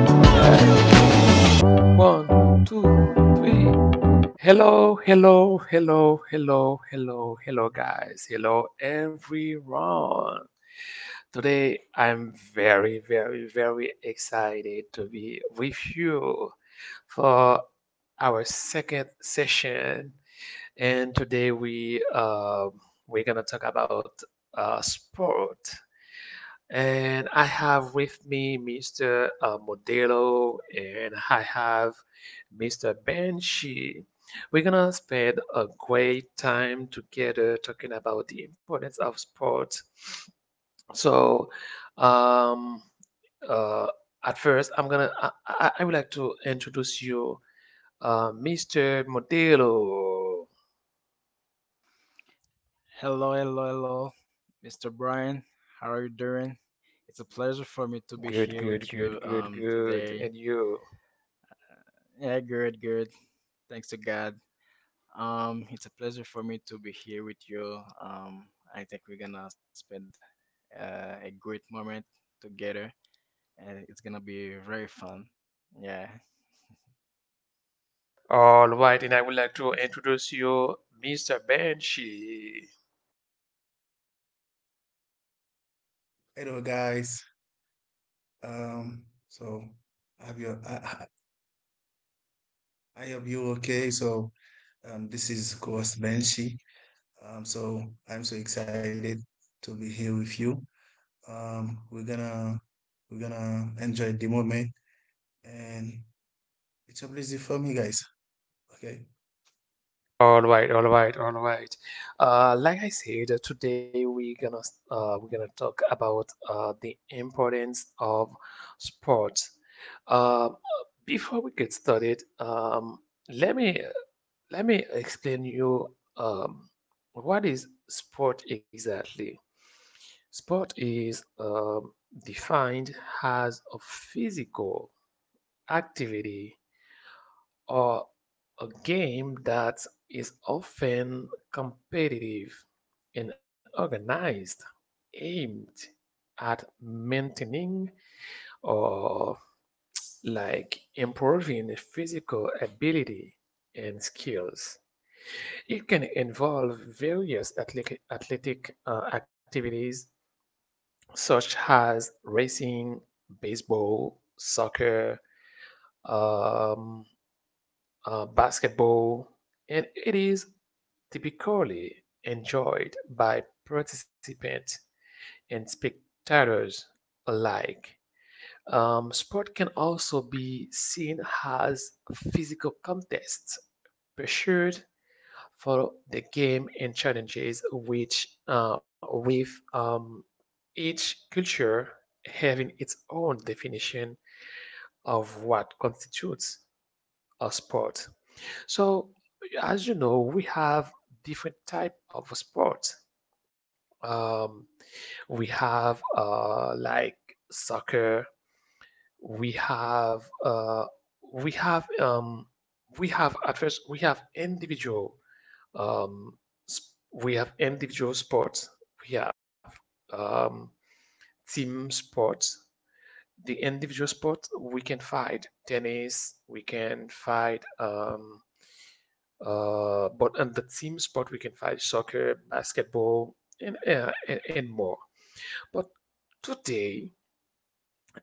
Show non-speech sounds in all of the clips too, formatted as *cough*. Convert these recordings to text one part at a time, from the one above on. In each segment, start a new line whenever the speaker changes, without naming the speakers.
Yeah. One, two, three. Hello, hello, hello, hello, hello, hello, guys. Hello, everyone. Today, I'm very, very, very excited to be with you for our second session. And today, we we're gonna talk about sport. And I have with me Mr. Modelo and I have Mr. Banshee. We're gonna spend a great time together talking about the importance of sports. So, um, uh, at first, I'm gonna I would like to introduce you, Mr. Modelo.
Hello, hello, hello, Mr. Brian. How are you doing? It's a pleasure for me to be
Good,
here
good,
with you
good, good, good.
today.
And you?
Yeah, good, good. Thanks to God. It's a pleasure for me to be here with you. I think we're gonna spend a great moment together, and it's gonna be very fun. Yeah.
All right, and I would like to introduce you, Mr. Banshee.
Hello guys. Um, so I have you I hope you okay. So this is of course Benshi. So I'm so excited to be here with you. Um, we're gonna we're gonna enjoy the moment, and it's a pleasure for me, guys. Okay.
All right, all right, all right. Like I said, today we're gonna talk about the importance of sports. Uh, Before we get started, let me let me explain you what is sport exactly. Sport is defined as a physical activity or a game that is often competitive and organized, aimed at maintaining or like improving physical ability and skills. It can involve various athletic activities such as racing, baseball, soccer, um, basketball, and it is typically enjoyed by participants and spectators alike. Sport can also be seen as physical contests, pursuit for the game and challenges which with each culture having its own definition of what constitutes a sport. So, as you know, we have different type of sports. Um, we have like soccer. We have uh, we have um, we have at first we have individual um, sp- we have individual sports. We have um, team sports. The individual sport we can fight tennis. We can fight. But on the team sport, we can find soccer, basketball, and, and more. But today,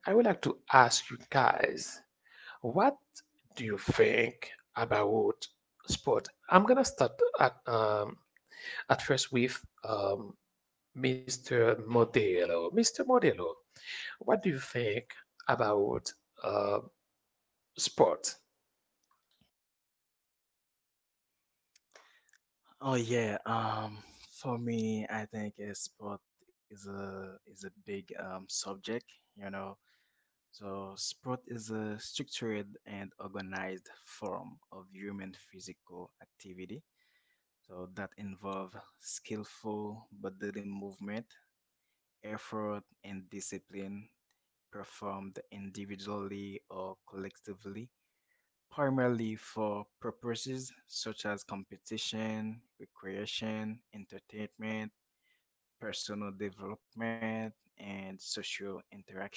I would like to ask you guys, what do you think about sport? I'm gonna start at um, at first with Mr. Modelo. Mr. Modelo, what do you think about uh, sport?
Oh yeah. For me, I think a sport is a big subject. You know, so sport is a structured and organized form of human physical activity. So that involve skillful bodily movement, effort, and discipline performed individually or collectively, primarily for purposes such as competition, recreation, entertainment, personal development, and social interaction.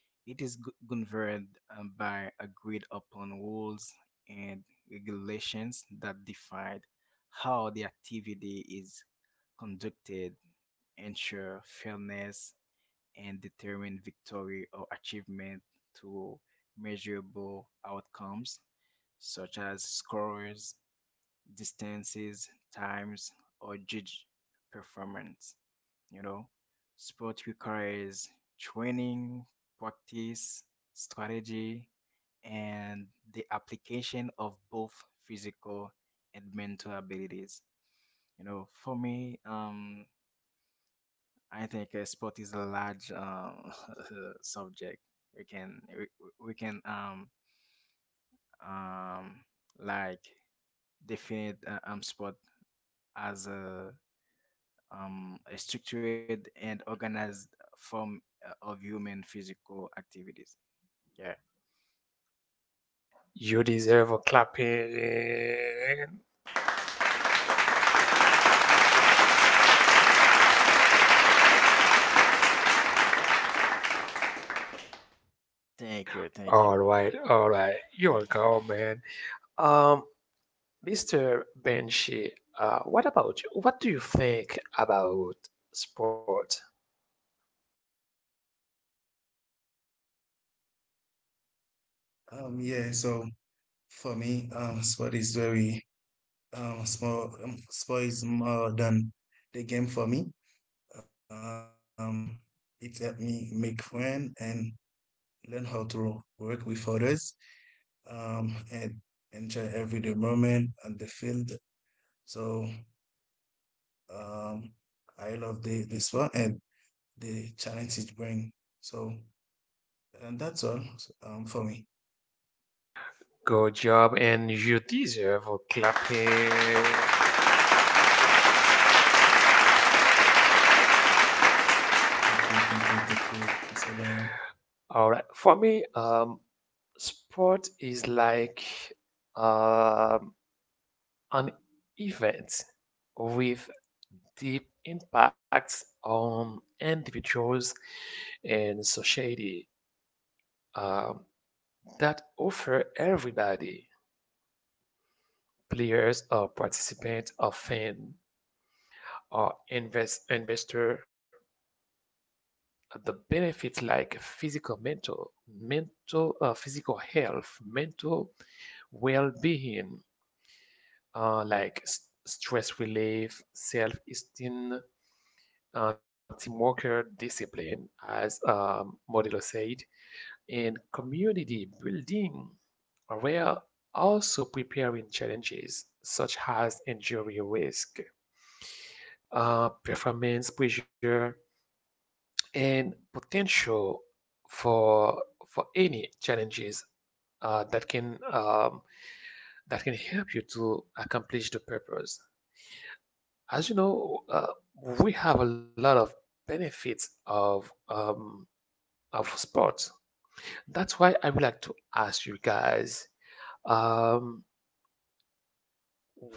It is governed by agreed upon rules and regulations that define how the activity is conducted, ensure fairness, and determine victory or achievement to measurable outcomes such as scores, distances, times, or judge performance. You know, sport requires training, practice, strategy, and the application of both physical and mental abilities. You know, for me, I think sport is a large *laughs* subject. We can um like define sport as a structured and organized form of human physical activities. Yeah.
You deserve a clapping.
Thank you. Thank you.
All right, all right. You're a go, man. Um, Mr. Benshi, what about you? What do you think about sport?
Yeah. So for me, sport is very small. Sport is more than the game for me. Um, it helped me make friends and learn how to work with others, and enjoy every day moment on the field. So, um, I love the sport and the challenge it brings. So, and that's all, for me.
Good job, and you deserve a clapping.
Thank you, thank you, thank you, Mr. Brian.
All right, for me, sport is like um, an event with deep impacts on individuals and society, um, that offer everybody, players or participants, a fan, or investor, the benefits like physical health, mental well-being, like stress relief, self-esteem, teamwork, discipline, as Modelo said, and community building, where also preparing challenges such as injury risk, performance pressure, and potential for for any challenges uh, that can um, that can help you to accomplish the purpose. As you know, we have a lot of benefits of sports. That's why I would like to ask you guys, um,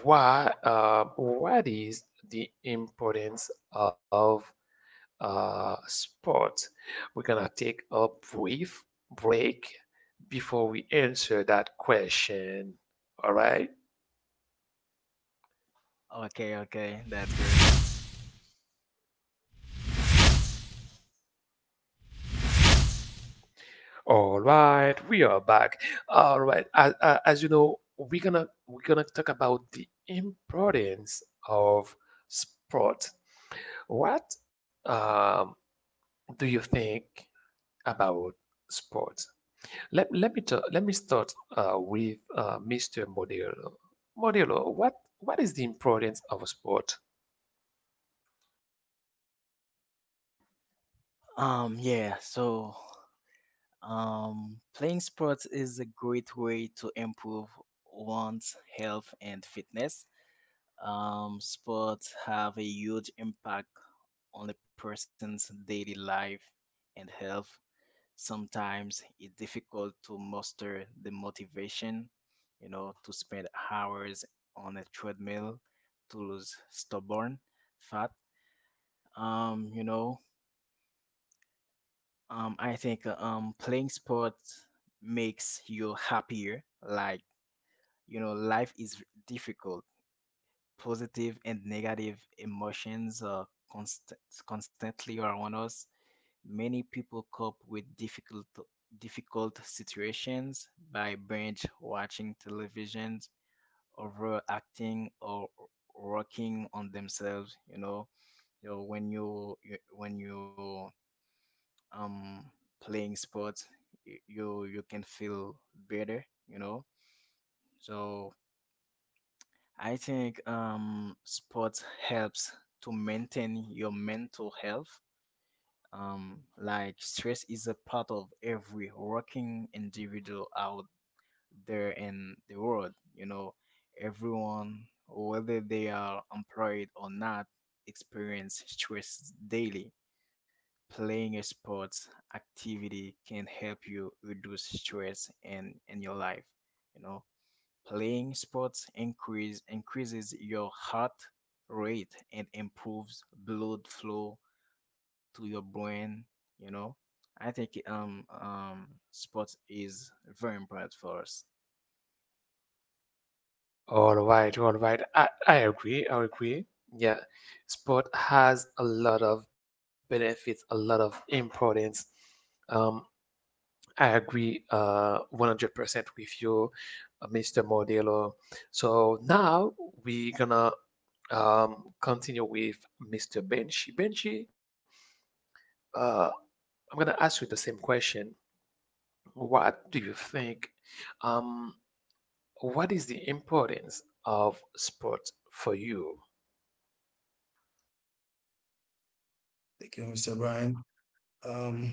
why what is the importance of spot. We're gonna take a brief break before we answer that question. All right.
Okay. Okay. That's good.
All right, we are back. All right, as you know, we're gonna talk about the importance of sport. What um, do you think about sport? Let me start with Mr. Modelo. Modelo, what is the importance of a sport?
Yeah. So playing sports is a great way to improve one's health and fitness. Sports have a huge impact on a person's daily life and health. Sometimes it's difficult to muster the motivation, you know, to spend hours on a treadmill to lose stubborn fat. Um, you know, I think playing sports makes you happier. Like, you know, life is difficult. Positive and negative emotions are constantly around us. Many people cope with difficult situations by binge watching televisions, overacting, or working on themselves. You know, when you um playing sports, you can feel better. You know, so I think sports helps to maintain your mental health. Like stress is a part of every working individual out there in the world. You know, everyone, whether they are employed or not, experience stress daily. Playing a sports activity can help you reduce stress in your life. You know, playing sports increases your heart rate and improves blood flow to your brain, you know. I think sports is very important for us.
All right, all right. I agree, I agree. Yeah, sport has a lot of benefits, a lot of importance. Um, I agree 100% with you, Mr. Modelo. So now we're gonna continue with Mr. Benchi. Benchi, uh, I'm gonna ask you the same question. What do you think? Um, what is the importance of sport for you?
Thank you, Mr. Brian. Um,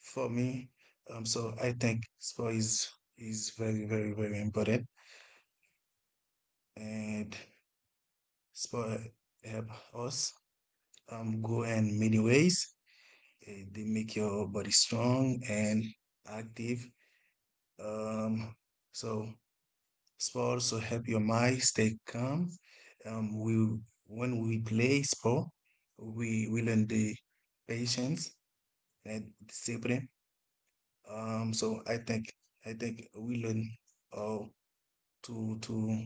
for me, so I think sport is very, very, very important, and sport help us go in many ways. They make your body strong and active. Um, so sport also help your mind stay calm. We When we play sport, we learn the patience and discipline. So I think we learn how to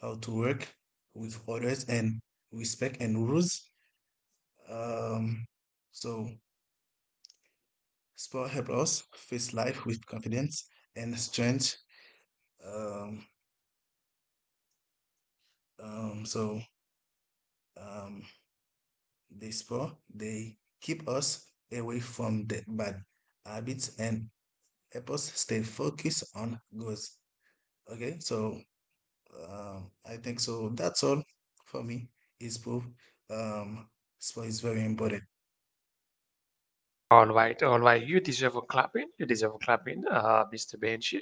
how to work with others and respect and rules. So sport help us face life with confidence and strength. Um, so um, they keep us away from the bad habits and help us stay focused on goals. Okay, so, I think so. That's all for me. Is proof. Um, Sport is very important.
All right, all right. You deserve a clapping. You deserve a clapping, Mr. Benji.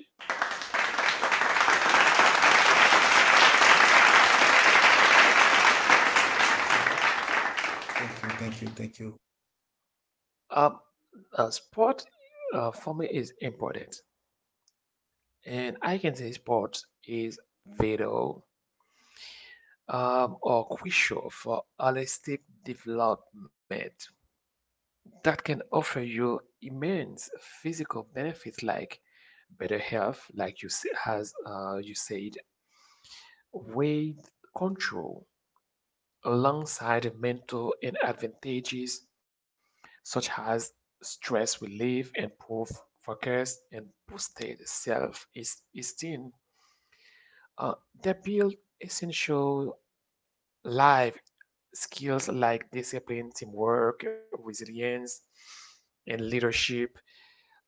Thank you, thank you, thank you.
Um, Sport for me is important, and I can say sport is vital, or crucial for holistic development, that can offer you immense physical benefits like better health, like you s- has you said, weight control, alongside mental and advantages such as stress relief, improved focus, and boosted self-esteem. Uh, they build essential life skills like discipline, teamwork, resilience, and leadership,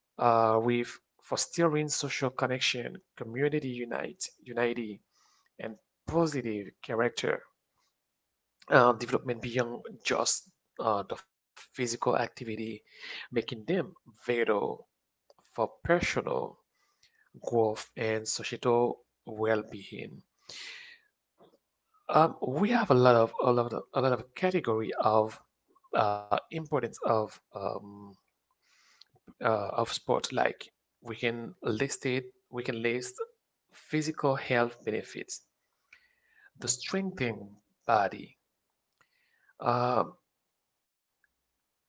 with fostering social connection, community unity, and positive character development beyond just the physical activity, making them vital for personal growth and societal well-being. We have a lot of category of importance of sport. Like, we can list it we can list physical health benefits, the strengthening body. uh,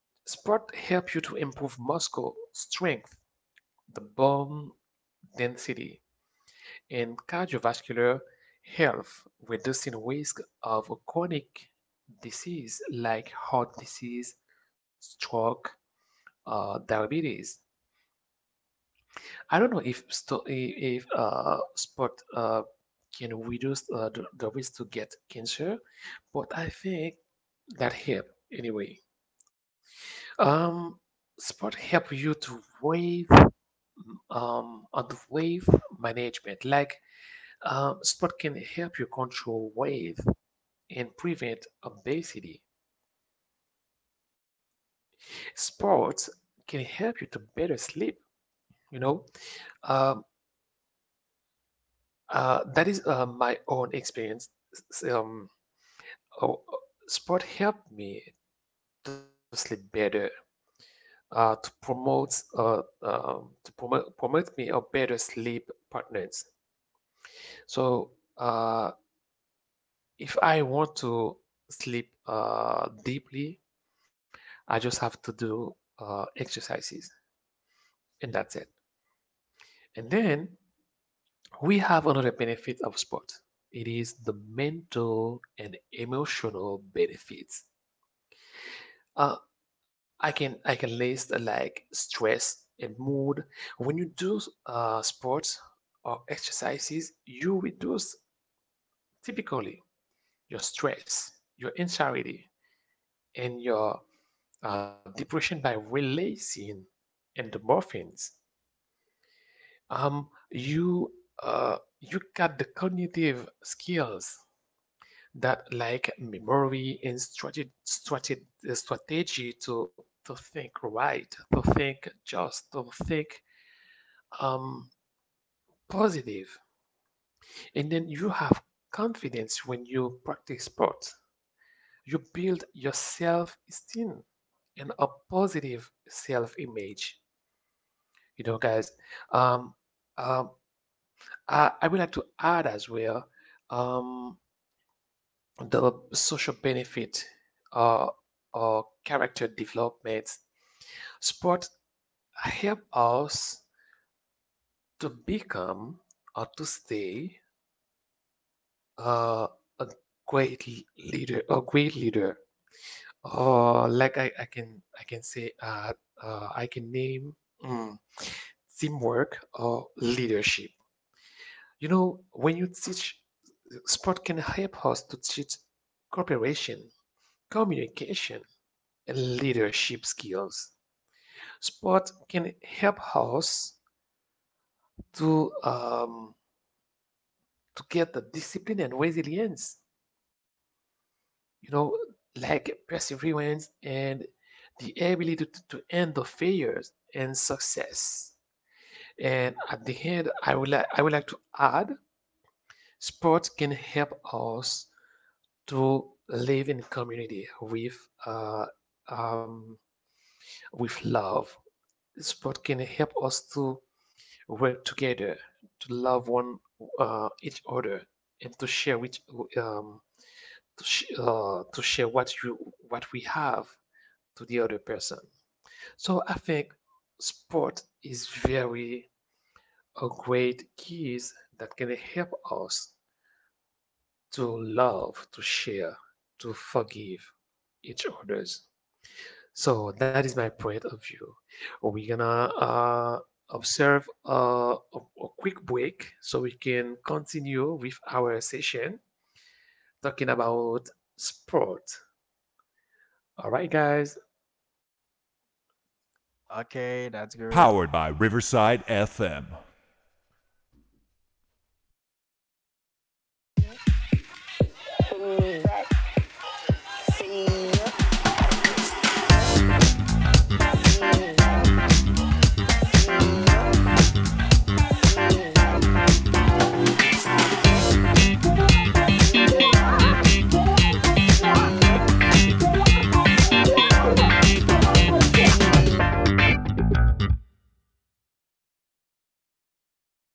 Sport help you to improve muscle strength, the bone density, and cardiovascular health, reducing risk of chronic disease like heart disease, stroke, diabetes. I don't know if sport can reduce the risk to get cancer, but I think that help anyway. Um, Sport help you to wave on the wave management. Like, sport can help you control wave and prevent obesity. Sports can help you to better sleep. You know, um, that is my own experience. S- Um, Oh, uh, Sport helped me to sleep better, promote me a better sleep partners. So, uh, if I want to sleep deeply, I just have to do exercises, and that's it. And then we have another benefit of sport. It is the mental and emotional benefits. Uh, I can list like stress and mood. When you do sports or exercises, you reduce typically your stress, your anxiety, and your depression by releasing endorphins. Um, you you got the cognitive skills that like memory and strategy to think right, to think just, to think um, positive. And then you have confidence when you practice sports. You build your self esteem and a positive self image. You know, guys, um, um, I would like to add as well um, the social benefit uh, or character development. Sport help us to become or to stay, Uh, a great a great leader. I can say, I can name, mm, teamwork or leadership. You know, when you teach, sport can help us to teach cooperation, communication, and leadership skills. Sport can help us to um, to get the discipline and resilience, you know, like perseverance and the ability to end the failures and success. And at the end, I would like to add, sports can help us to live in community uh, um, with love. Sport can help us to work together, to love one each other, and to share with, um, to share what you what we have to the other person. So I think sport is very a great keys that can help us to love, to share, to forgive each others. So that is my point of view. We're gonna observe a quick break so we can continue with our session talking about sport. All right, guys.
Okay, that's good.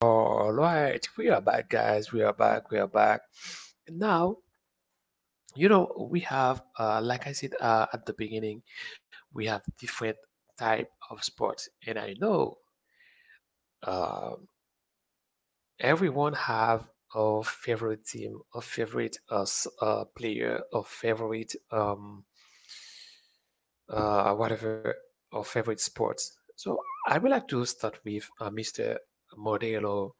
All right, we are back, guys. We are back. We are back. Now, you know, we have, like I said at the beginning, we have different type of sports, and I know um everyone have a favorite team, a favorite player, a favorite whatever, or favorite sports. So I would like to start with Mr. Modelo.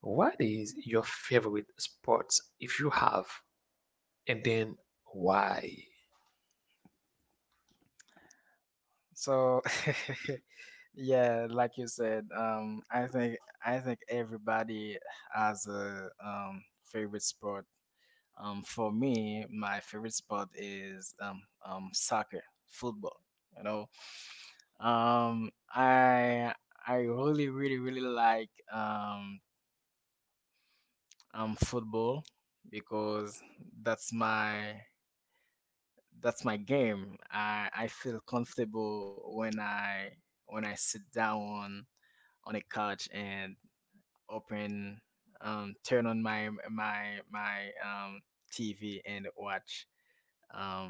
What is your favorite sports if you have? And then why?
So *laughs* yeah, like you said, I think everybody has a favorite sport. For me, my favorite sport is soccer, football, you know. Um I I really really really like football because that's my that's my game. I feel comfortable when I sit down on a couch and open turn on my TV and watch um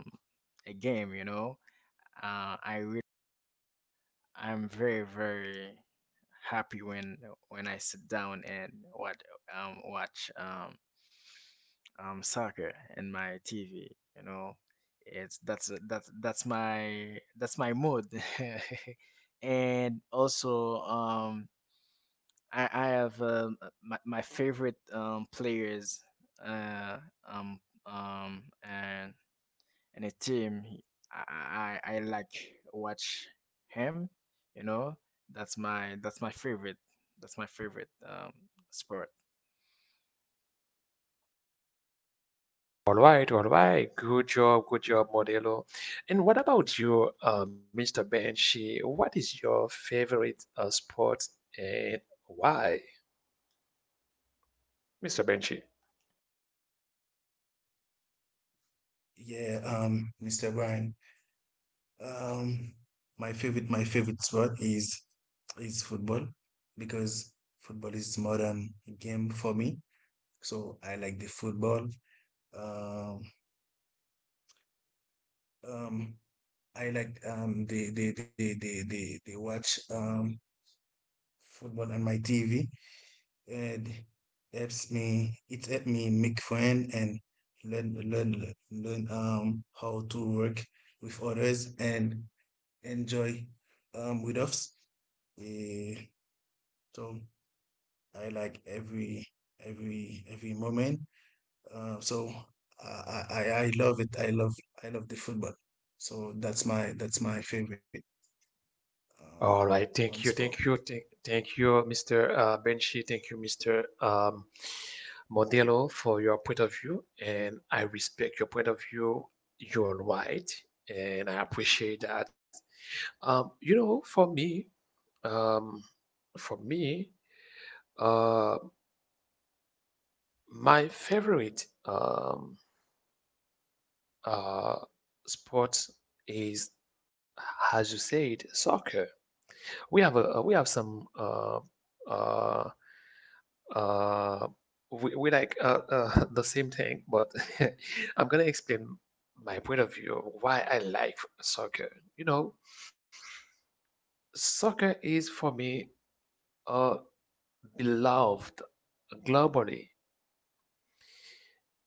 a game, you know. I really, I'm very very happy when I sit down and watch watch soccer in my TV. You know, it's that's my mood. *laughs* And also, I have my favorite players uh um um and and a team. I like watch him. You know, that's my favorite. That's my favorite sport.
All right, all right. Good job, Modelo. And what about you, Mr. Benchy? What is your favorite sport and why, Mr. Benchy?
Yeah, Mr. Brian. Um, my favorite sport is football because football is modern game for me. So I like the football. Um, um, I like the watch football on my TV. It helps me. It helps me make friends and learn how to work with others and enjoy with us. Eh, So I like every moment. So I love it. I love the football. So that's my favorite,
All right.
on
Thank you.
sport.
Thank you. Thank you, Mr. Benchi. Thank you, Mr. Modelo, for your point of view. And I respect your point of view. You're right. And I appreciate that. You know, um, for me, uh, my favorite uh, sport is, as you said, soccer. We have some, uh, Uh, we like, *laughs* the same thing, but *laughs* I'm gonna explain my point of view of why I like soccer. You know, soccer is for me uh, beloved globally.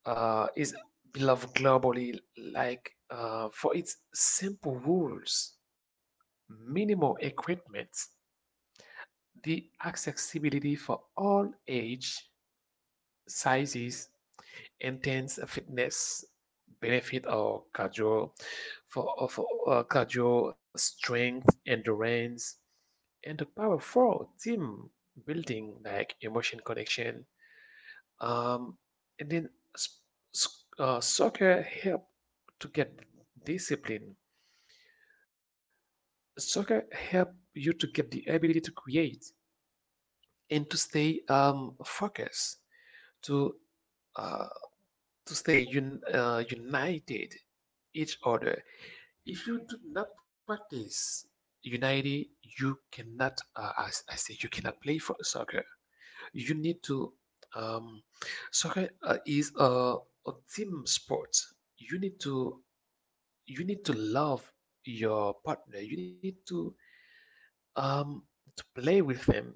Is Beloved globally, like, for its simple rules, minimal equipment, the accessibility for all age, sizes, intense fitness benefit or cardio for, cardio strength endurance, and the powerful team building like emotion connection, um and then, soccer help to get discipline, soccer help you to get the ability to create and to stay focused, to uh, to stay united each other. If you do not practice unity, you cannot. As I say, you cannot play for soccer. You need to. Um, Soccer is a team sport. You need to. You need to love your partner. You need um to play with them,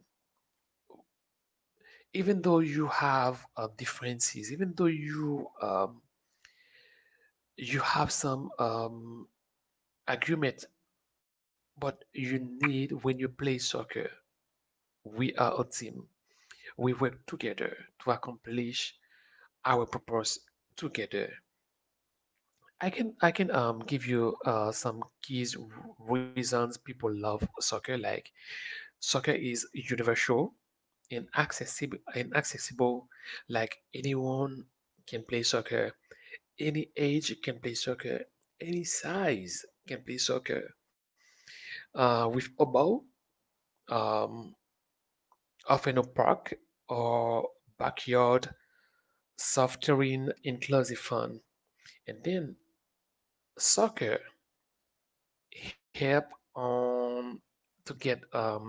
even though you have differences, even though you have some argument. But you need when you play soccer. We are a team. We work together to accomplish our purpose together. I can give you some keys reasons people love soccer like soccer is universal and accessible like anyone can play soccer, any age can play soccer, any size can play soccer, with about um, often a park or backyard, soft terrain, inclusive fun. And then soccer help um to get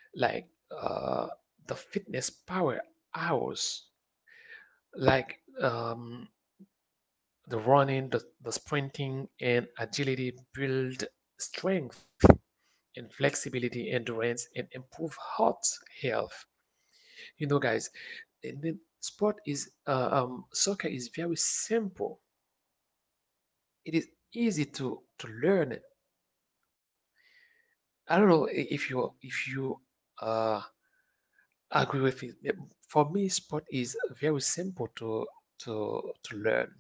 like uh the fitness power hours like the running, the sprinting and agility build strength and flexibility, endurance, and improve heart health. You know, guys. And then sport is soccer is very simple. It is easy to learn. I don't know if you uh, agree with it. Yeah. For me, sport is very simple to to learn.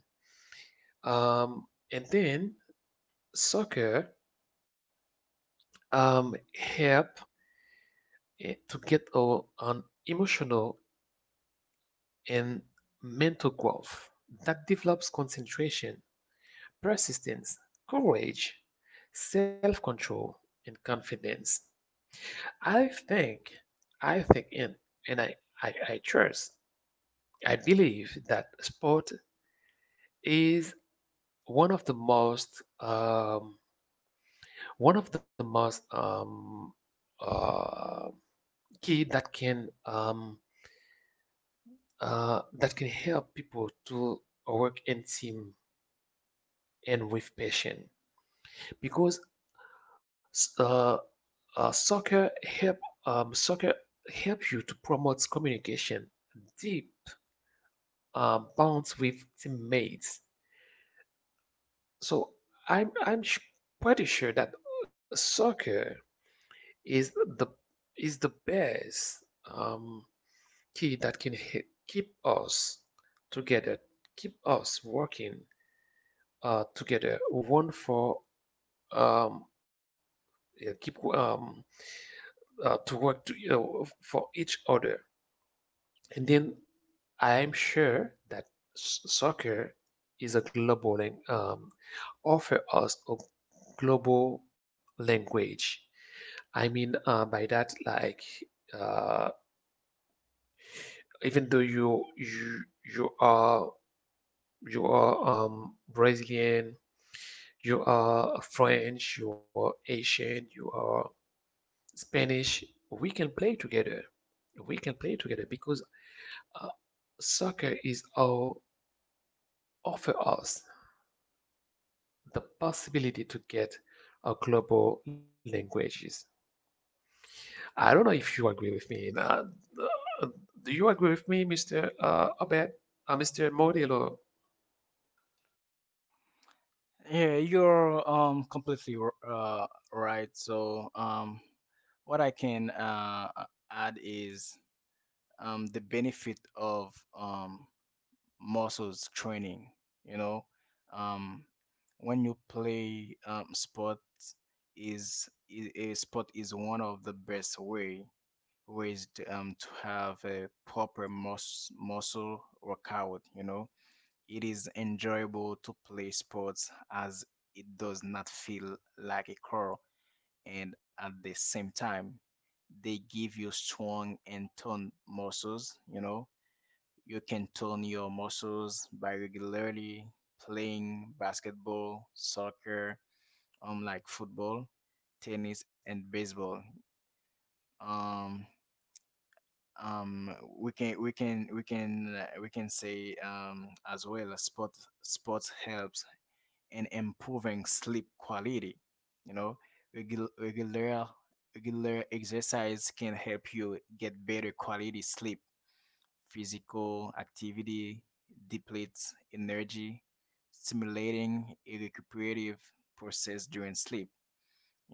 Um, and then soccer, help, to get on emotional and mental growth that develops concentration, persistence, courage, self-control, and confidence. I think, I think in, and I trust, I believe that sport is one of the most, uh, key that can, that can help people to work in team and with passion because Uh, soccer help, soccer help you to promote communication, deep, bonds with teammates. So I'm I'm sh- pretty sure that soccer is the best, um, key that can keep us together, keep us working together, one for, um, yeah, keep, to work to, you know, for each other. And then I am sure that soccer is a global lang- offer us a global language. I mean, by that, like, uh, even though you are you are, Brazilian, you are French, you are Asian, you are Spanish, we can play together. We can play together because, uh, soccer is all offer us the possibility to get a global languages. I don't know if you agree with me. Nah. Uh, Do you agree with me, Mr., Abed, Mr. Modelo?
Yeah, you're completely right. So what I can add is the benefit of um muscles training, you know. Um when you play sports is I- a sport is one of the best ways to have a proper muscle workout, you know it is enjoyable to play sports as it does not feel like a chore, and at the same time, they give you strong and toned muscles. You know, you can tone your muscles by regularly playing basketball, soccer, like football, tennis, and baseball. Um, um, we can say as well sports helps and improving sleep quality. You know, Regul- regular regular exercise can help you get better quality sleep. Physical activity depletes energy, stimulating a recuperative process during sleep.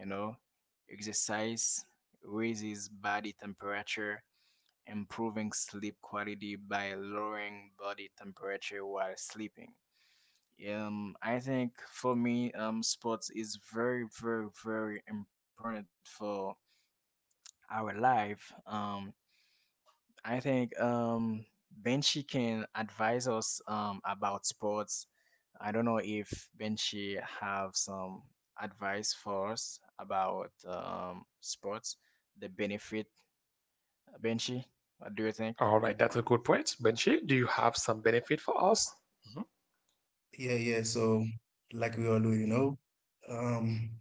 You know, exercise raises body temperature, improving sleep quality by lowering body temperature while sleeping. I think for me, sports is very, very, very important for our life. I think Benchi can advise us about sports. I don't know if Benchi have some advice for us about sports, the benefit. Benchi, what do you think?
All right, that's a good point. Benji, do you have some benefit for us? Mhm.
Yeah, yeah. So, like we all do, um,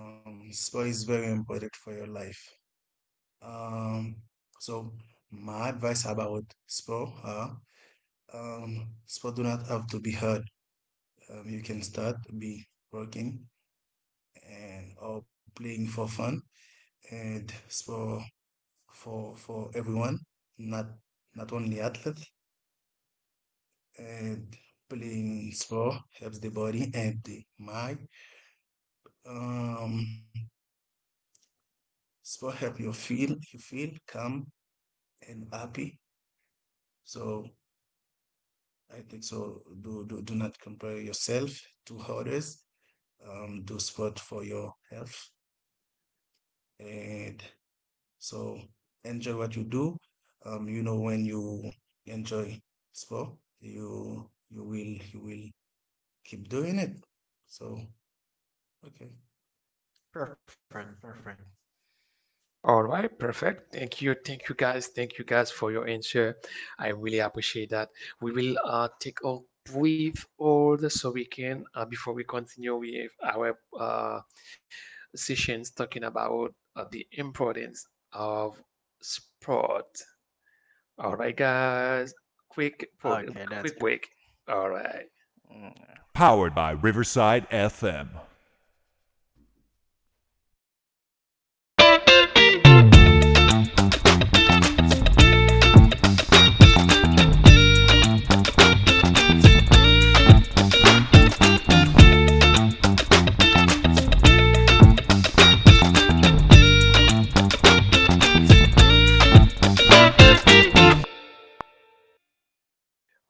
sport is very important for your life. Um, so my advice about sport are, sport do not have to be hard. You can start be working and or playing for fun, and for for everyone, not not only athletes. And playing sport helps the body and the mind. um Sport help you feel calm and happy. So I think so. Do not compare yourself to others. Do sport for your health. And so enjoy what you do. You know when you enjoy sport, you will keep doing it. So, okay.
Perfect,
Perfect,
perfect.
perfect.
All right, perfect. Thank you. Thank you, guys. Thank you, guys, for your answer. I really appreciate that. We will, take a brief order so we can, before we continue with our, sessions talking about, the importance of sport. All right, guys. Quick,
Okay, that's
quick
good.
break. All right.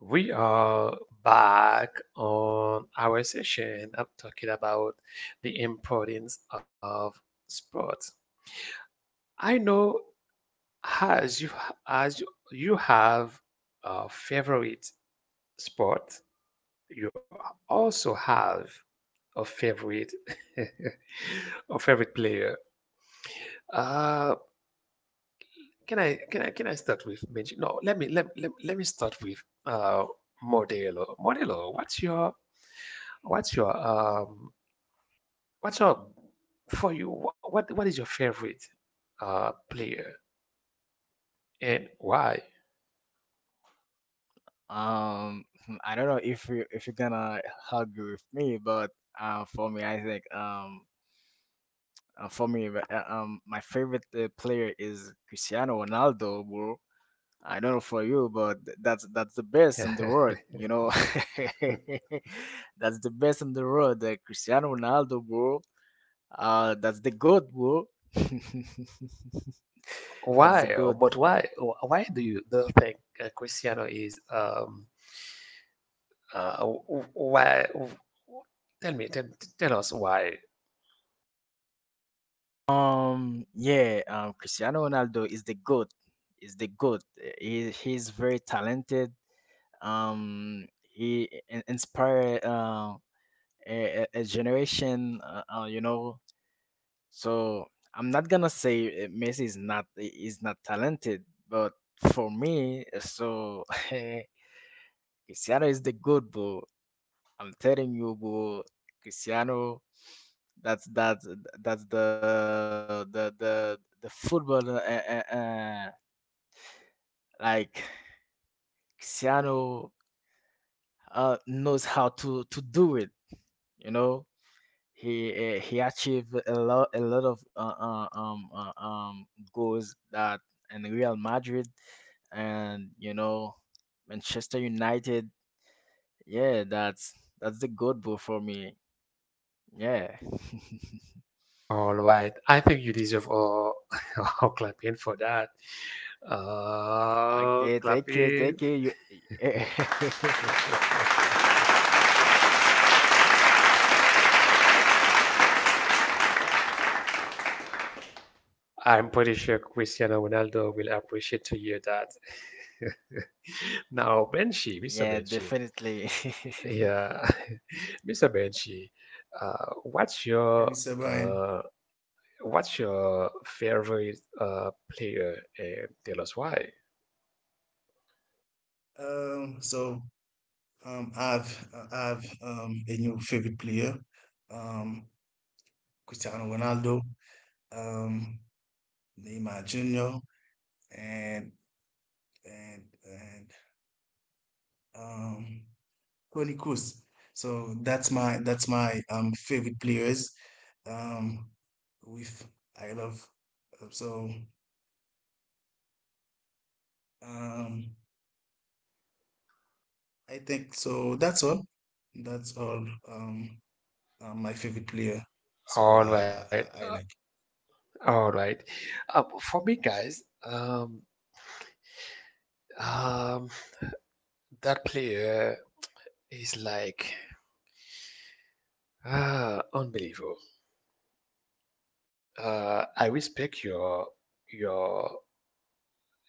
We are back on our session. I'm talking about the importance of sports. I know as you as you, you have a favorite sport, you also have a favorite, *laughs* a favorite player. Uh, can I start with Benji? No, let me start with Modelo. Modelo, what's your um What's up for you? What is your favorite, player, and why?
Um, *laughs* I don't know if you if you're gonna argue with me, but uh, for me, I think um, for me, my favorite player is Cristiano Ronaldo, bro. I don't know for you, but that's the best in the world,
*laughs*
you know. *laughs* That's the best in the world, Cristiano Ronaldo, bro. That's the good, bro. *laughs* That's
Why?
the good.
But why? Why do you think, Cristiano is, why? Tell me, tell, Tell us why.
Yeah, Cristiano Ronaldo is the goat. Is the goat. He he's very talented. He inspired a generation. You know, so I'm not gonna say Messi is not talented, but for me, so *laughs* Cristiano is the goat, bro. I'm telling you, bro, Cristiano, that's that's that's the football. Like Cristiano knows how to do it. You know, he achieved a lot of goals that in Real Madrid and you know Manchester United. Yeah, that's the good bro for me. Yeah. *laughs*
All right, I think you deserve all, *laughs* all clapping for that.
Okay, thank you, thank
Clapping.
you. *laughs*
I'm pretty sure Cristiano Ronaldo will appreciate to hear that. *laughs* Now, Benji, Mr.
Yeah,
Benji,
definitely. *laughs*
yeah, *laughs* Mr. Benji, uh, what's
Hey,
your
Mr. Brian.
uh, what's your favorite, player? And tell us why.
Um, so I've a new favorite player, um, Cristiano Ronaldo, um, Neymar Jr., and and um Toni Kroos. So that's my favorite players. Um, with I love. So um, I think so. That's all. That's all. My favorite player. So
All
I
right,
I,
uh,
I I like.
all right. For me, guys, um, that player is like, ah, unbelievable. I respect your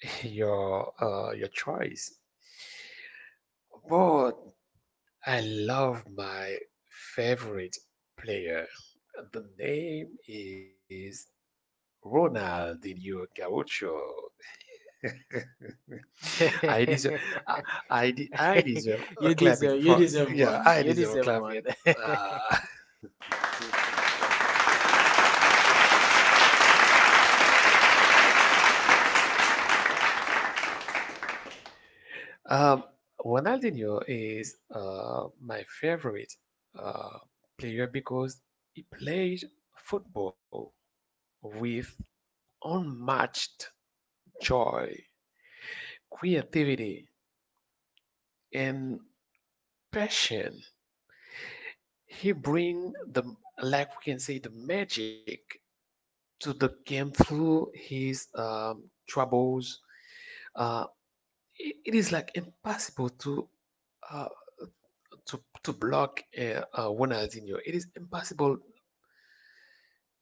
*laughs* your, your choice, but I love my favorite player. The name is Ronaldinho Gaucho. *laughs* I deserve I,
*laughs*
I deserve a
You
So
clapping
deserve, you
you
for,
deserve
deserve.
yeah,
one.
I
You
deserve a
deserve
clapping.
one. *laughs*
Uh, Um, Ronaldinho is, my favorite, uh, player because he played football with unmatched joy, creativity, and passion. He bring the, like we can say, the magic to the game through his, troubles. Uh, it is like impossible to, uh, to block, Ronaldinho. It is impossible.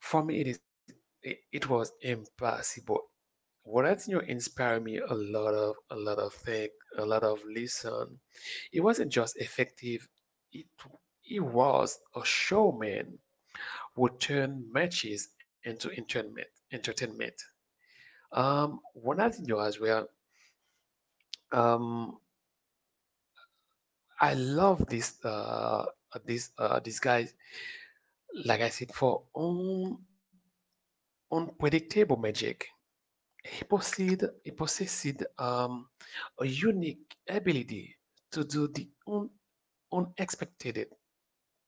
For me, it is, it was impossible. What I Ronaldinho inspired me a lot of things, a lot of listen. It wasn't just effective; it he was a showman who turned matches into entertainment. Entertainment. One I Ronaldinho as well. Um, I love this this guy. Like I said, for un unpredictable magic. He possessed, a unique ability to do the unexpected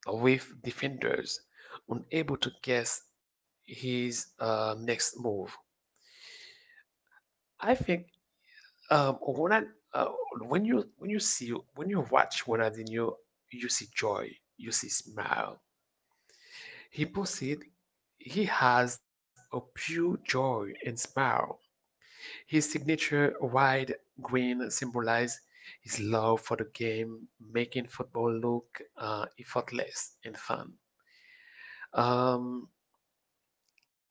with defenders unable to guess his, next move. I think, um, when I, uh, when you see when you watch Ronaldinho, you see joy, you see smile. He possessed, he has a pure joy and smile. His signature wide grin symbolized his love for the game, making football look, effortless and fun. Um,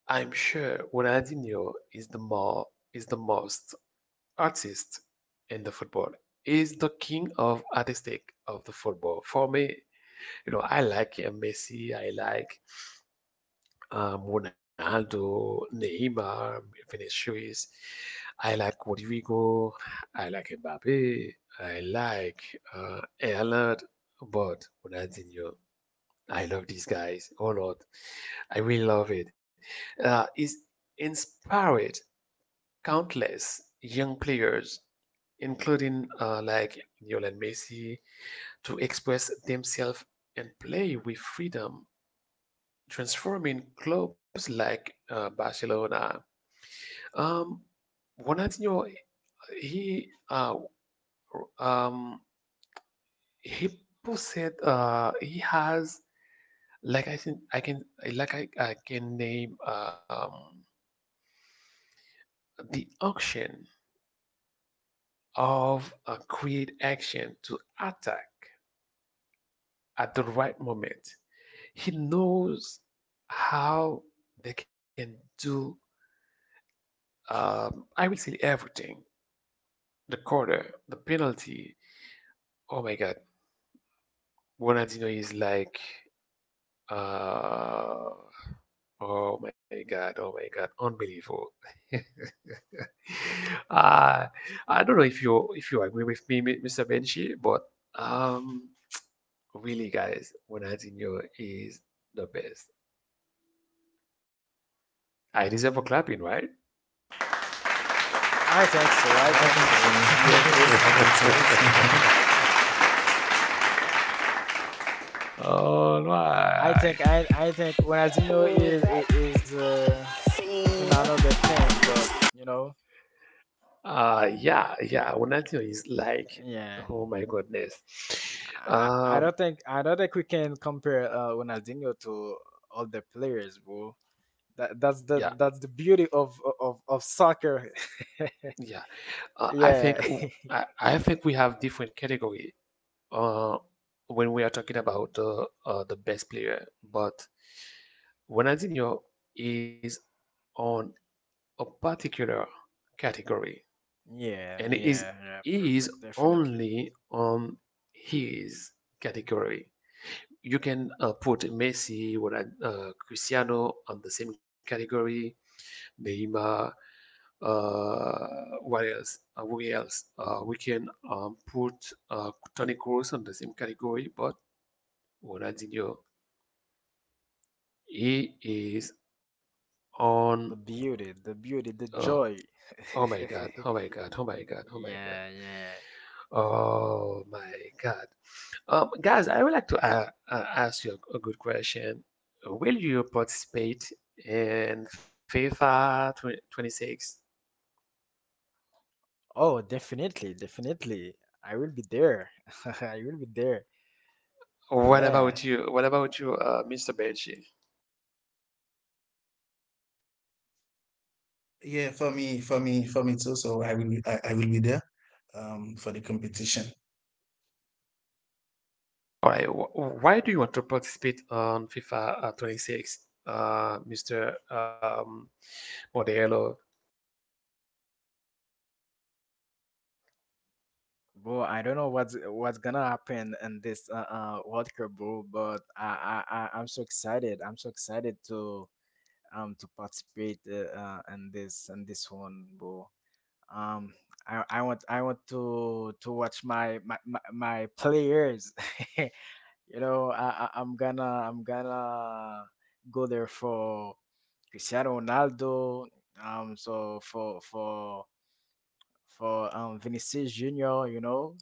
I'm sure Ronaldinho is the most artist in the football. Is the king of artistic of the football. For me, you know, I like, Messi. I like, Ronaldo, Neymar, Vinicius. I like Rodrigo. I like Mbappe. I like, Erland, but Ronaldinho. I love these guys a lot. I really love it. It's inspired countless young players, including, like Lionel Messi, to express themselves and play with freedom, transforming clubs like, Barcelona. Um, Ronaldinho, he uh, um, he possessed, he has like I think I can, I can name, the action of, create action to attack at the right moment. He knows how they can do, I will say everything. The corner, the penalty. Oh my God, Ronaldinho is like, uh oh my God, oh my God, unbelievable. *laughs* Uh, I don't know if you agree with me, Mr. Benchi, but, um, really, guys, Ronaldinho is the best. I deserve a clapping, right?
I think so. I
So I think so.
think
Yeah,
so. *laughs*
yes,
*laughs*
I *laughs* think so. *laughs*
All right.
I think Ronaldinho is is another thing, but you know,
Yeah, yeah, Ronaldinho is like,
yeah.
oh my goodness. Um,
I don't think we can compare Ronaldinho to other players, bro.
yeah,
That's the that's the beauty of of soccer. *laughs*
yeah. Uh, I think
Yeah.
I think we have different category, uh, when we are talking about the best player, but Ronaldinho is on a particular category,
Yeah,
and it is,
yeah, yeah,
he is
perfect. Definitely.
only on his category. You can, put Messi, Cristiano on the same category, Neymar. Uh, what else? Who else? We can, put, Toni Kroos on the same category, but Orazio, he is on.
The beauty, the beauty, the
Uh,
joy.
oh my
*laughs*
God! Oh my God! Oh my God! Oh my God!
Yeah, yeah.
Oh my God! Guys, I would like to, ask you a good question. Will you participate in FIFA 20, 26?
Oh, definitely, definitely. I will be there. *laughs* I will be there.
What
Yeah.
about you? What about you, Mr. Benji?
Yeah, for me, for me, for me too. So I will be there for the competition.
All right. Wh Why do you want to participate on FIFA, 26, Mr., Modelo?
Bro, I don't know what's gonna happen in this World Cup, bro, but I'm so excited. I'm so excited to participate in this one, bro. Um, I want to watch my players. *laughs* You know, I'm gonna I'm gonna go there for Cristiano Ronaldo. Um, so for for for Vinicius Junior. You know,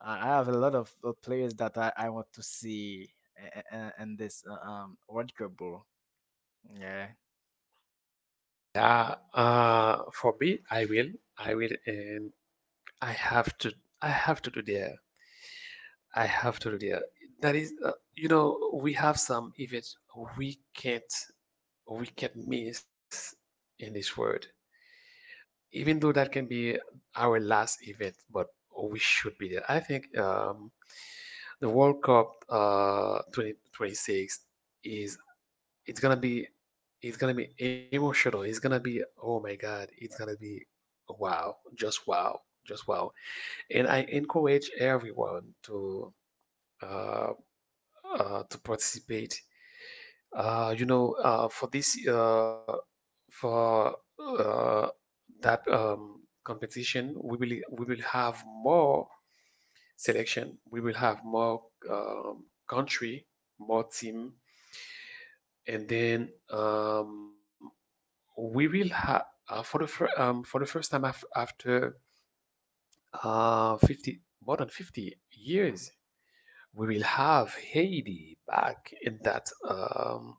I have a lot of players that I want to see in this World Cup, bro. Yeah,
Yeah, for me, I will, and I have to, I have to do there. I have to do there. That is, you know, we have some events we can't, we can't miss in this world. Even though that can be our last event, but we should be there. I think, the World Cup, 2026 is, it's gonna be it's gonna be emotional. It's gonna be, oh my god. It's gonna be wow, just wow, just wow. And I encourage everyone to, uh, to participate. You know, for this for uh, that, competition, we will have more selection. We will have more, country, more team, and then, we will have, for the first time af after, uh, 50 more than 50 years, we will have Haiti back in that,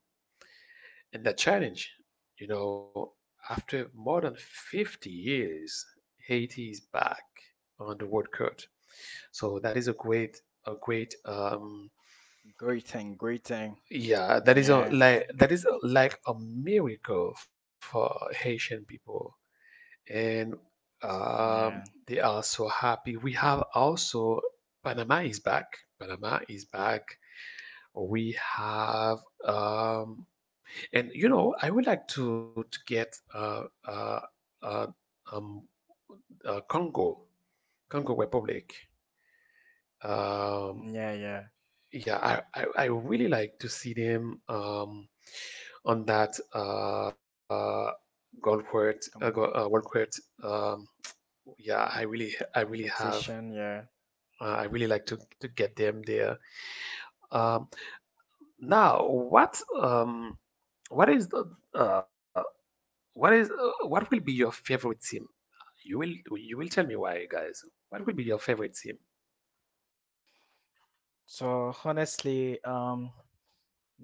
in that challenge. You know, after more than 50 years, Haiti is back on the World Cup. So that is a great, a great,
great thing, great thing.
yeah, that is a,
Yeah,
like that is a, like a miracle for Haitian people. And, um,
yeah,
they are so happy. We have also Panama is back. Panama is back. We have, um, and you know, I would like to get, uh, um, Congo, Congo Republic. Um,
yeah, yeah.
yeah, I really like to see them, on that, Gold Court,
Com-
World Court. Um, yeah, I really have.
Competition. Yeah.
I really like to get them there. Um, Now, what is the uh, what is what will be your favorite team? You will you will tell me why, guys. What will be your favorite team?
So honestly,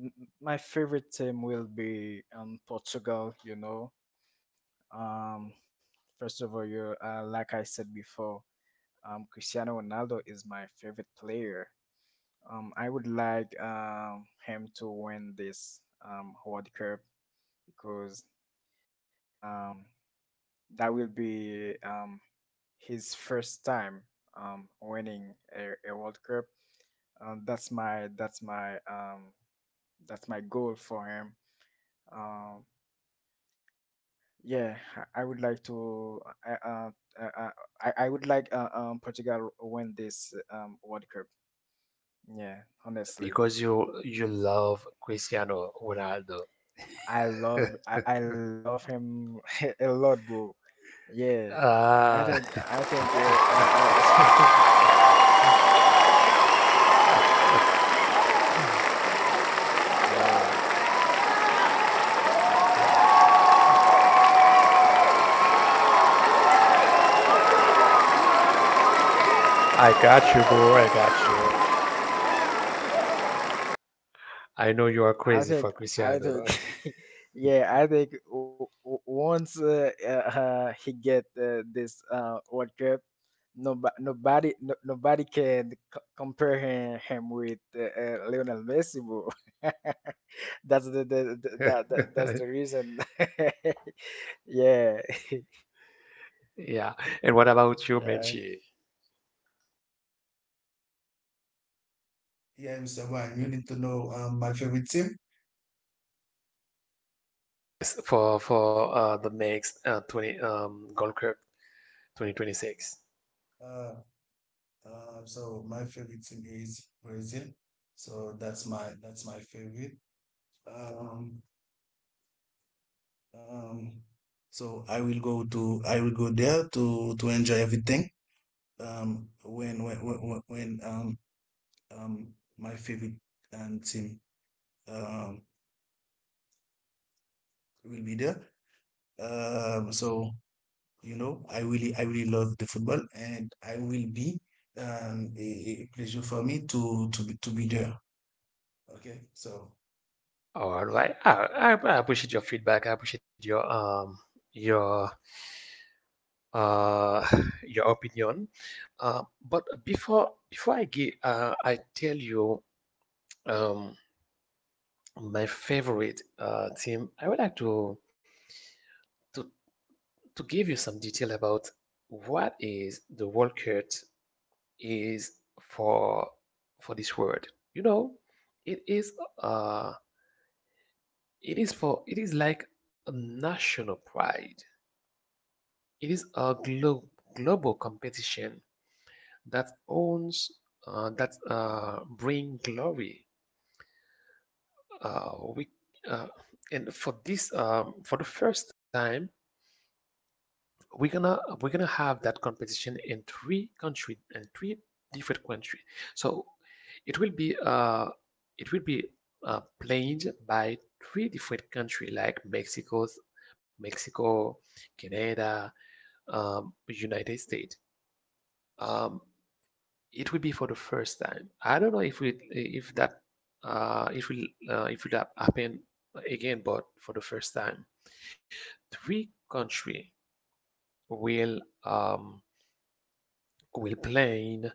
m- my favorite team will be Portugal. You know, um, first of all, you like I said before, Cristiano Ronaldo is my favorite player. I would like him to win this World Cup because um that will be his first time winning a World Cup. Um, that's my that's my um that's my goal for him. Um, yeah, I would like to. Uh, uh, uh, uh, I would like Portugal win this World Cup. Yeah, honestly,
Because you love Cristiano Ronaldo.
I love him *laughs* a lot, bro. Yeah,
Ah,
I think *laughs* yeah,
*laughs* I got you, boy. I got you. I know you are crazy for
I think
Cristiano.
*laughs* yeah I think once he get this World Cup, nobody nobody no, nobody can compare him with Lionel Messi, bro. *laughs* That's the that's the
*laughs*
reason. *laughs* Yeah,
Yeah. And what about
*laughs*
you,
yeah,
Benji?
Yeah, Mr. Wan, you need to know my favorite team.
Yes. For, the next, 20, Gold Cup 2026.
Uh, so my favorite team is Brazil. So that's my favorite. Um, um, so I will go there to enjoy everything. When my favorite team um will be there. So you know I really love the football, and I will be a pleasure for me to be there. Okay, so,
All
yeah.
right. I appreciate your feedback. I appreciate your, your, uh *laughs* your opinion. But before I give I tell you, um my favorite team, I would like to to to give you some detail about what is the workout is for this word. You know, it is uh it is for it is like a national pride. It is a global competition that owns that bring glory. We uh, and for this for the first time we're gonna have that competition in three country in three different country, so it will be it will be played by three different country like mexico, canada, united states. um it will be for the first time. I don't know if we if that if will happen again, but for the first time three country will um will plane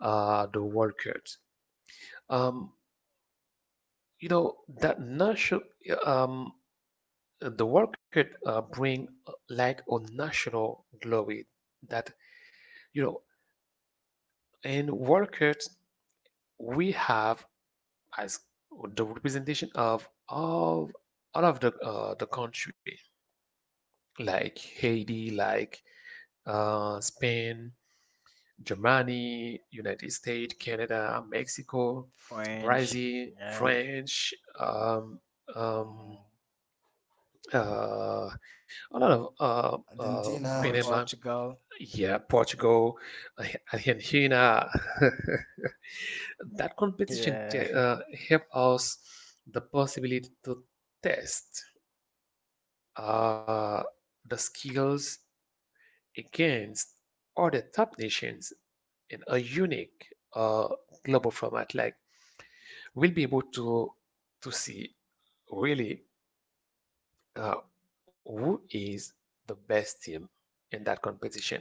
the workers. Um, you know that national, um, the workers bring like a national glory that, you know, in workers we have as the representation of all of the country, like Haiti, like Spain, Germany, United States, Canada, Mexico,
French,
Brazil,
yeah,
French, um,
Mm,
uh, a lot of
Argentina.
Panama,
Portugal,
yeah, Portugal, uh, Argentina. *laughs* That competition
yeah.
help us the possibility to test uh, the skills against other top nations in a unique uh, global format, like we'll be able to see really uh, who is the best team in that competition,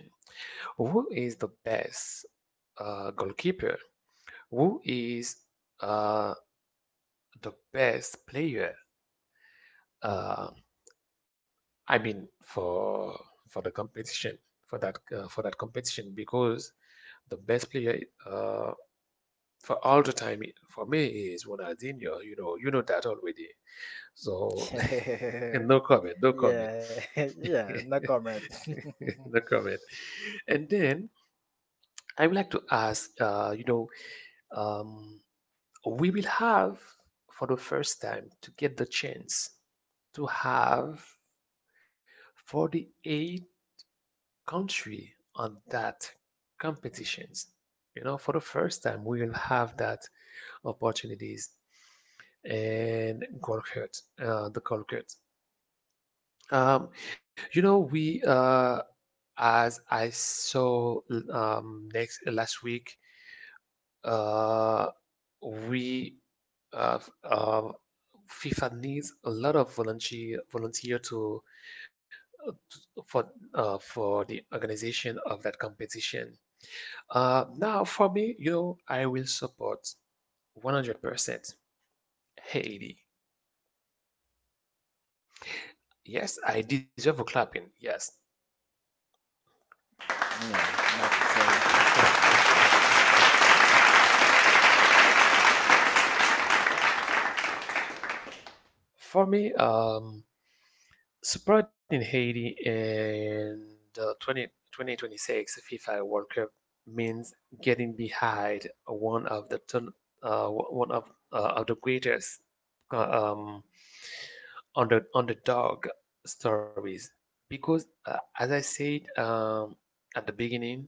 who is the best goalkeeper, who is uh, the best player. Uh, I mean, for the competition, for that competition, because the best player uh, for all the time, for me, is Ronaldinho. You know that already. So *laughs* no
*laughs*
comment, no comment,
Yeah, *laughs* yeah, no comment. *laughs*
*laughs* no comment. And then I would like to ask, you know, um, we will have for the first time to get the chance to have 48 country on that competitions. You know, for the first time, we will have that opportunities in Golkert, the Golkert. Um, you know, we as I saw next last week, uh, we uh, uh, FIFA needs a lot of volunteer to for for the organization of that competition. Now, for me, you know, I will support 100% Haiti. Yes, I deserve a clapping. Yes.
Yeah, like you said.
For me, support in Haiti in the 20, 2026 FIFA World Cup means getting behind one of the one of the greatest uh, um, underdog stories. Because as I said, at the beginning,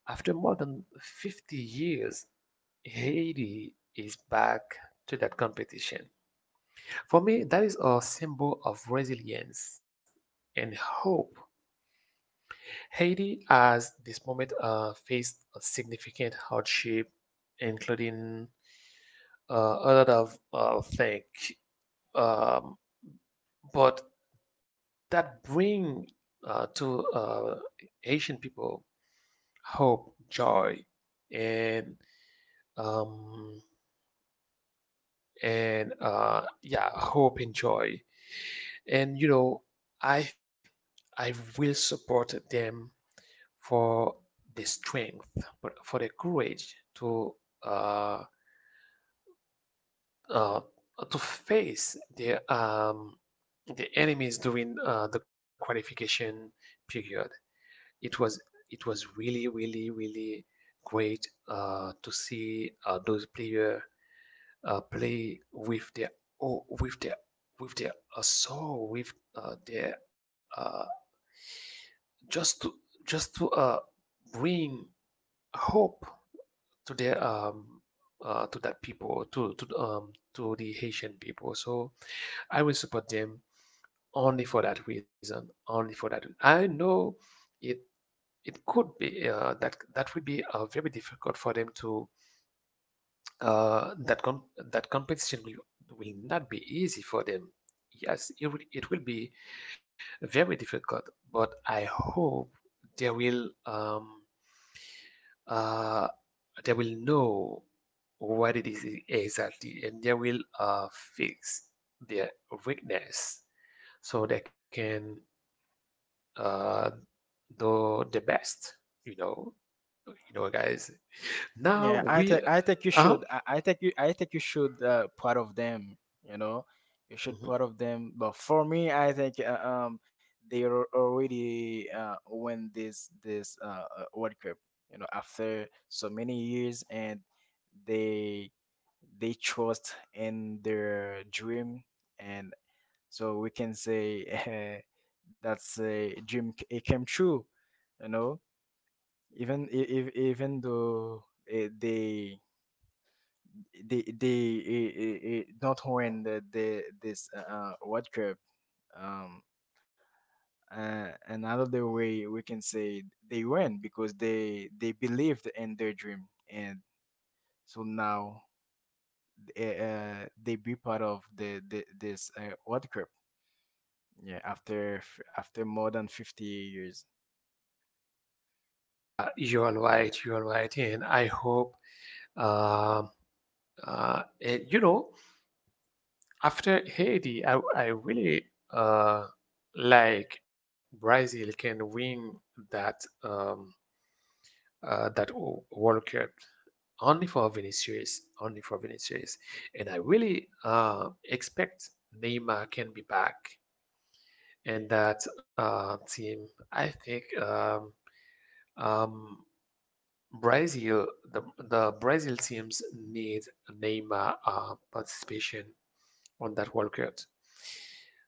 after more than 50 years, Haiti is back to that competition. For me, that is a symbol of resilience and hope. Haiti has this moment faced a significant hardship, including a lot of things, um, but that bring to Haitian people hope, joy, and um, yeah, hope and joy. And you know, I I will support them for the strength, for the courage uh, uh, to face the enemies during the qualification period. It was really really really great to see those players play with their oh, with their with their soul, with their just to just to uh, bring hope to their to that people to the Haitian people. So I will support them only for that reason. Only for that. I know it it could be that will be very difficult for them to uh, that com that competition will not be easy for them. Yes, it will be very difficult, but I hope they will um uh, they will know what it is exactly, and they will fix their weakness so they can uh, do the best. You know, you know guys,
*laughs*
now
Yeah,
we
I think you
uh,
should. I think you should part of them. You know, you should
mhm.
part of them. But for me, I think they already win this World Cup. You know, after so many years, and they they trust in their dream, and so we can say *laughs* eh, that's a dream it came true, you know. Even if even though eh, they they not win the this World Cup, um, another way we can say they win because they believed in their dream and so now they be part of the this World Cup. Yeah, after after more than 50 years.
You're all right, and I hope uh and, you know, after Haiti, I really like Brazil can win that that World Cup only for Vinicius, only for Vinicius. And I really expect Neymar can be back in that team. I think um, Brazil, the Brazil teams need Neymar participation on that World Cup.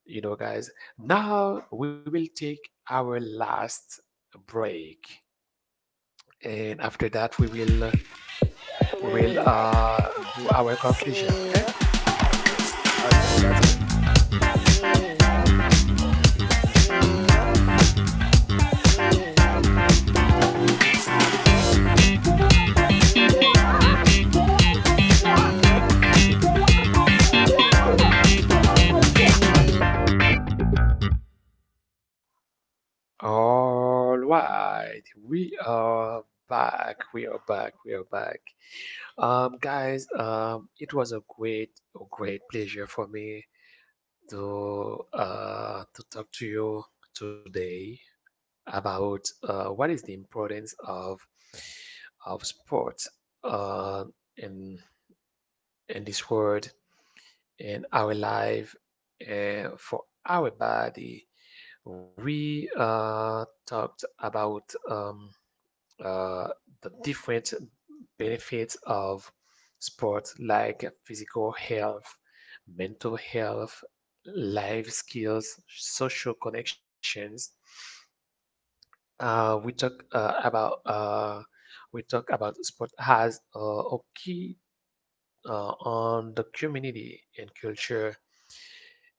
You know, guys, now we will take our last break. And after that, we will
Okay. *laughs* Mhm.
do our conclusion, okay?
Okay, that's good.
Yeah, okay, okay.
All right, we are back. We are back. We are back. Guys, it was a great, great pleasure for me to talk to you today about what is the importance of sports uh in in this world, in our life, and for our body. We talked about um, uh, the different benefits of sports, like physical health, mental health, life skills, social connections. Uh, we talk uh, about uh, we talk about sport has a key on the community and culture.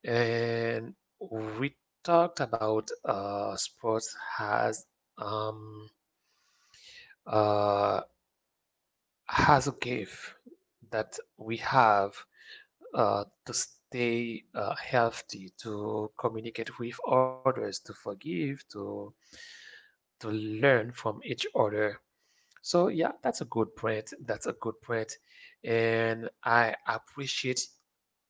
And we talked about sports um, uh, has a gift that we have to stay healthy, to communicate with others, to forgive, to learn from each other. So yeah, that's a good point. That's a good point, and I appreciate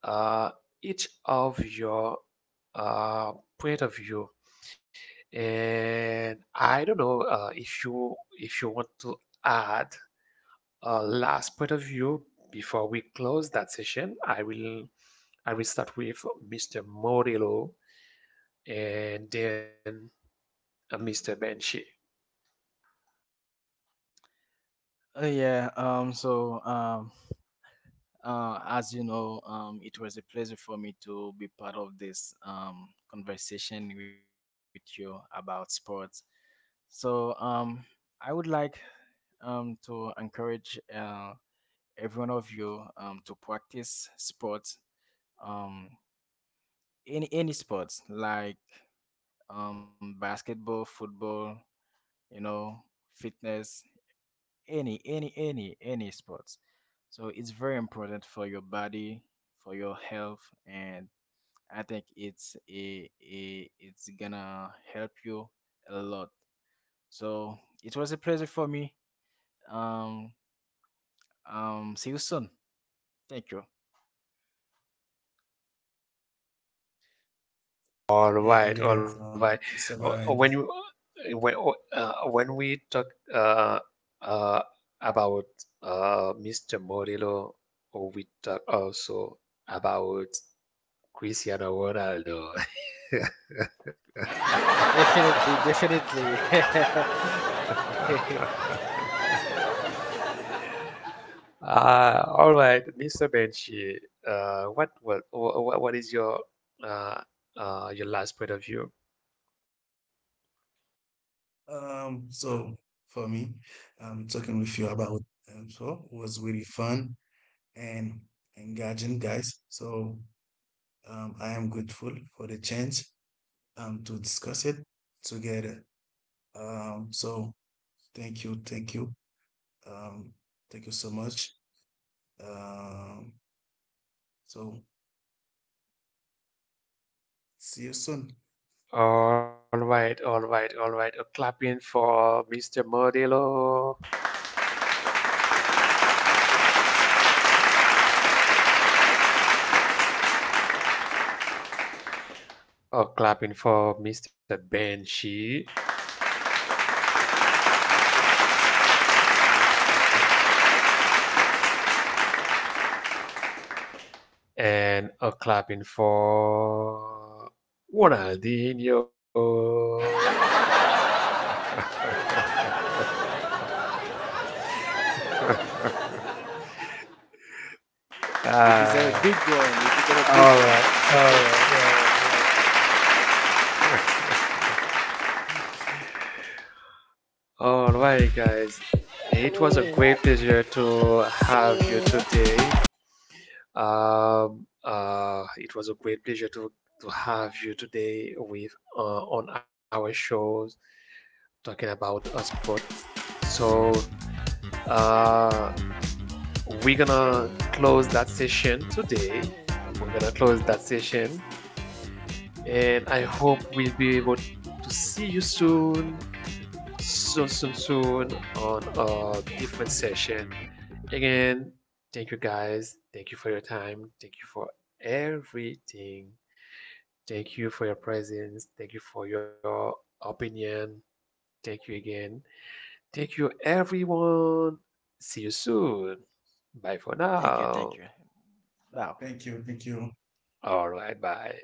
uh, each of your uh, point of view. And I don't know if you want to add last point of view before we close that session. I will start with Mr. Morillo, and then Mr. Benchi.
Yeah. As you know, it was a pleasure for me to be part of this conversation with you about sports. So. Um. I would like to encourage every one of you to practice sports, um any sports like basketball, football, you know, fitness, any sports. So it's very important for your body, for your health, and I think it's a it's gonna help you a lot. So it was a pleasure for me. um See you soon. Thank you.
All
Yeah,
right, all
yeah.
right.
Mr.
When you
Byron.
when we talk uh, uh, about Mr. Morillo, we talk also about Cristiano Ronaldo.
Definitely, definitely. *laughs*
*laughs* All right, Mr. Benchi, what is uh, your last point of view?
So for me, talking with you about, was really fun and engaging, guys. So, I am grateful for the chance to discuss it together. So thank you, thank you, um, thank you so much. Um, so see you soon.
All right, all right, all right. A clapping for Mr. Modelo. A clapping for Mr. Benchi.
Yeah, yeah, yeah. *laughs*
And a clapping for Ronaldinho. *laughs* *laughs*
You deserve a big
uh,
one, you deserve a big
Alright, alright,
one. *laughs*
alright, alright. Alright, *laughs* guys. It was a great pleasure to have you today. It was a great pleasure to have you today with on our shows talking about a sport. So uh, we're gonna close that session today. We're gonna close that session, and I hope we'll be able to see you soon, soon, soon, soon on a different session. Again, thank you guys. Thank you for your time. Thank you for everything. Thank you for your presence. Thank you for your opinion. Thank you again. Thank you, everyone. See you soon. Bye for
Thank you, thank you.
now.
Wow.
Now, thank you, thank you.
All right, bye.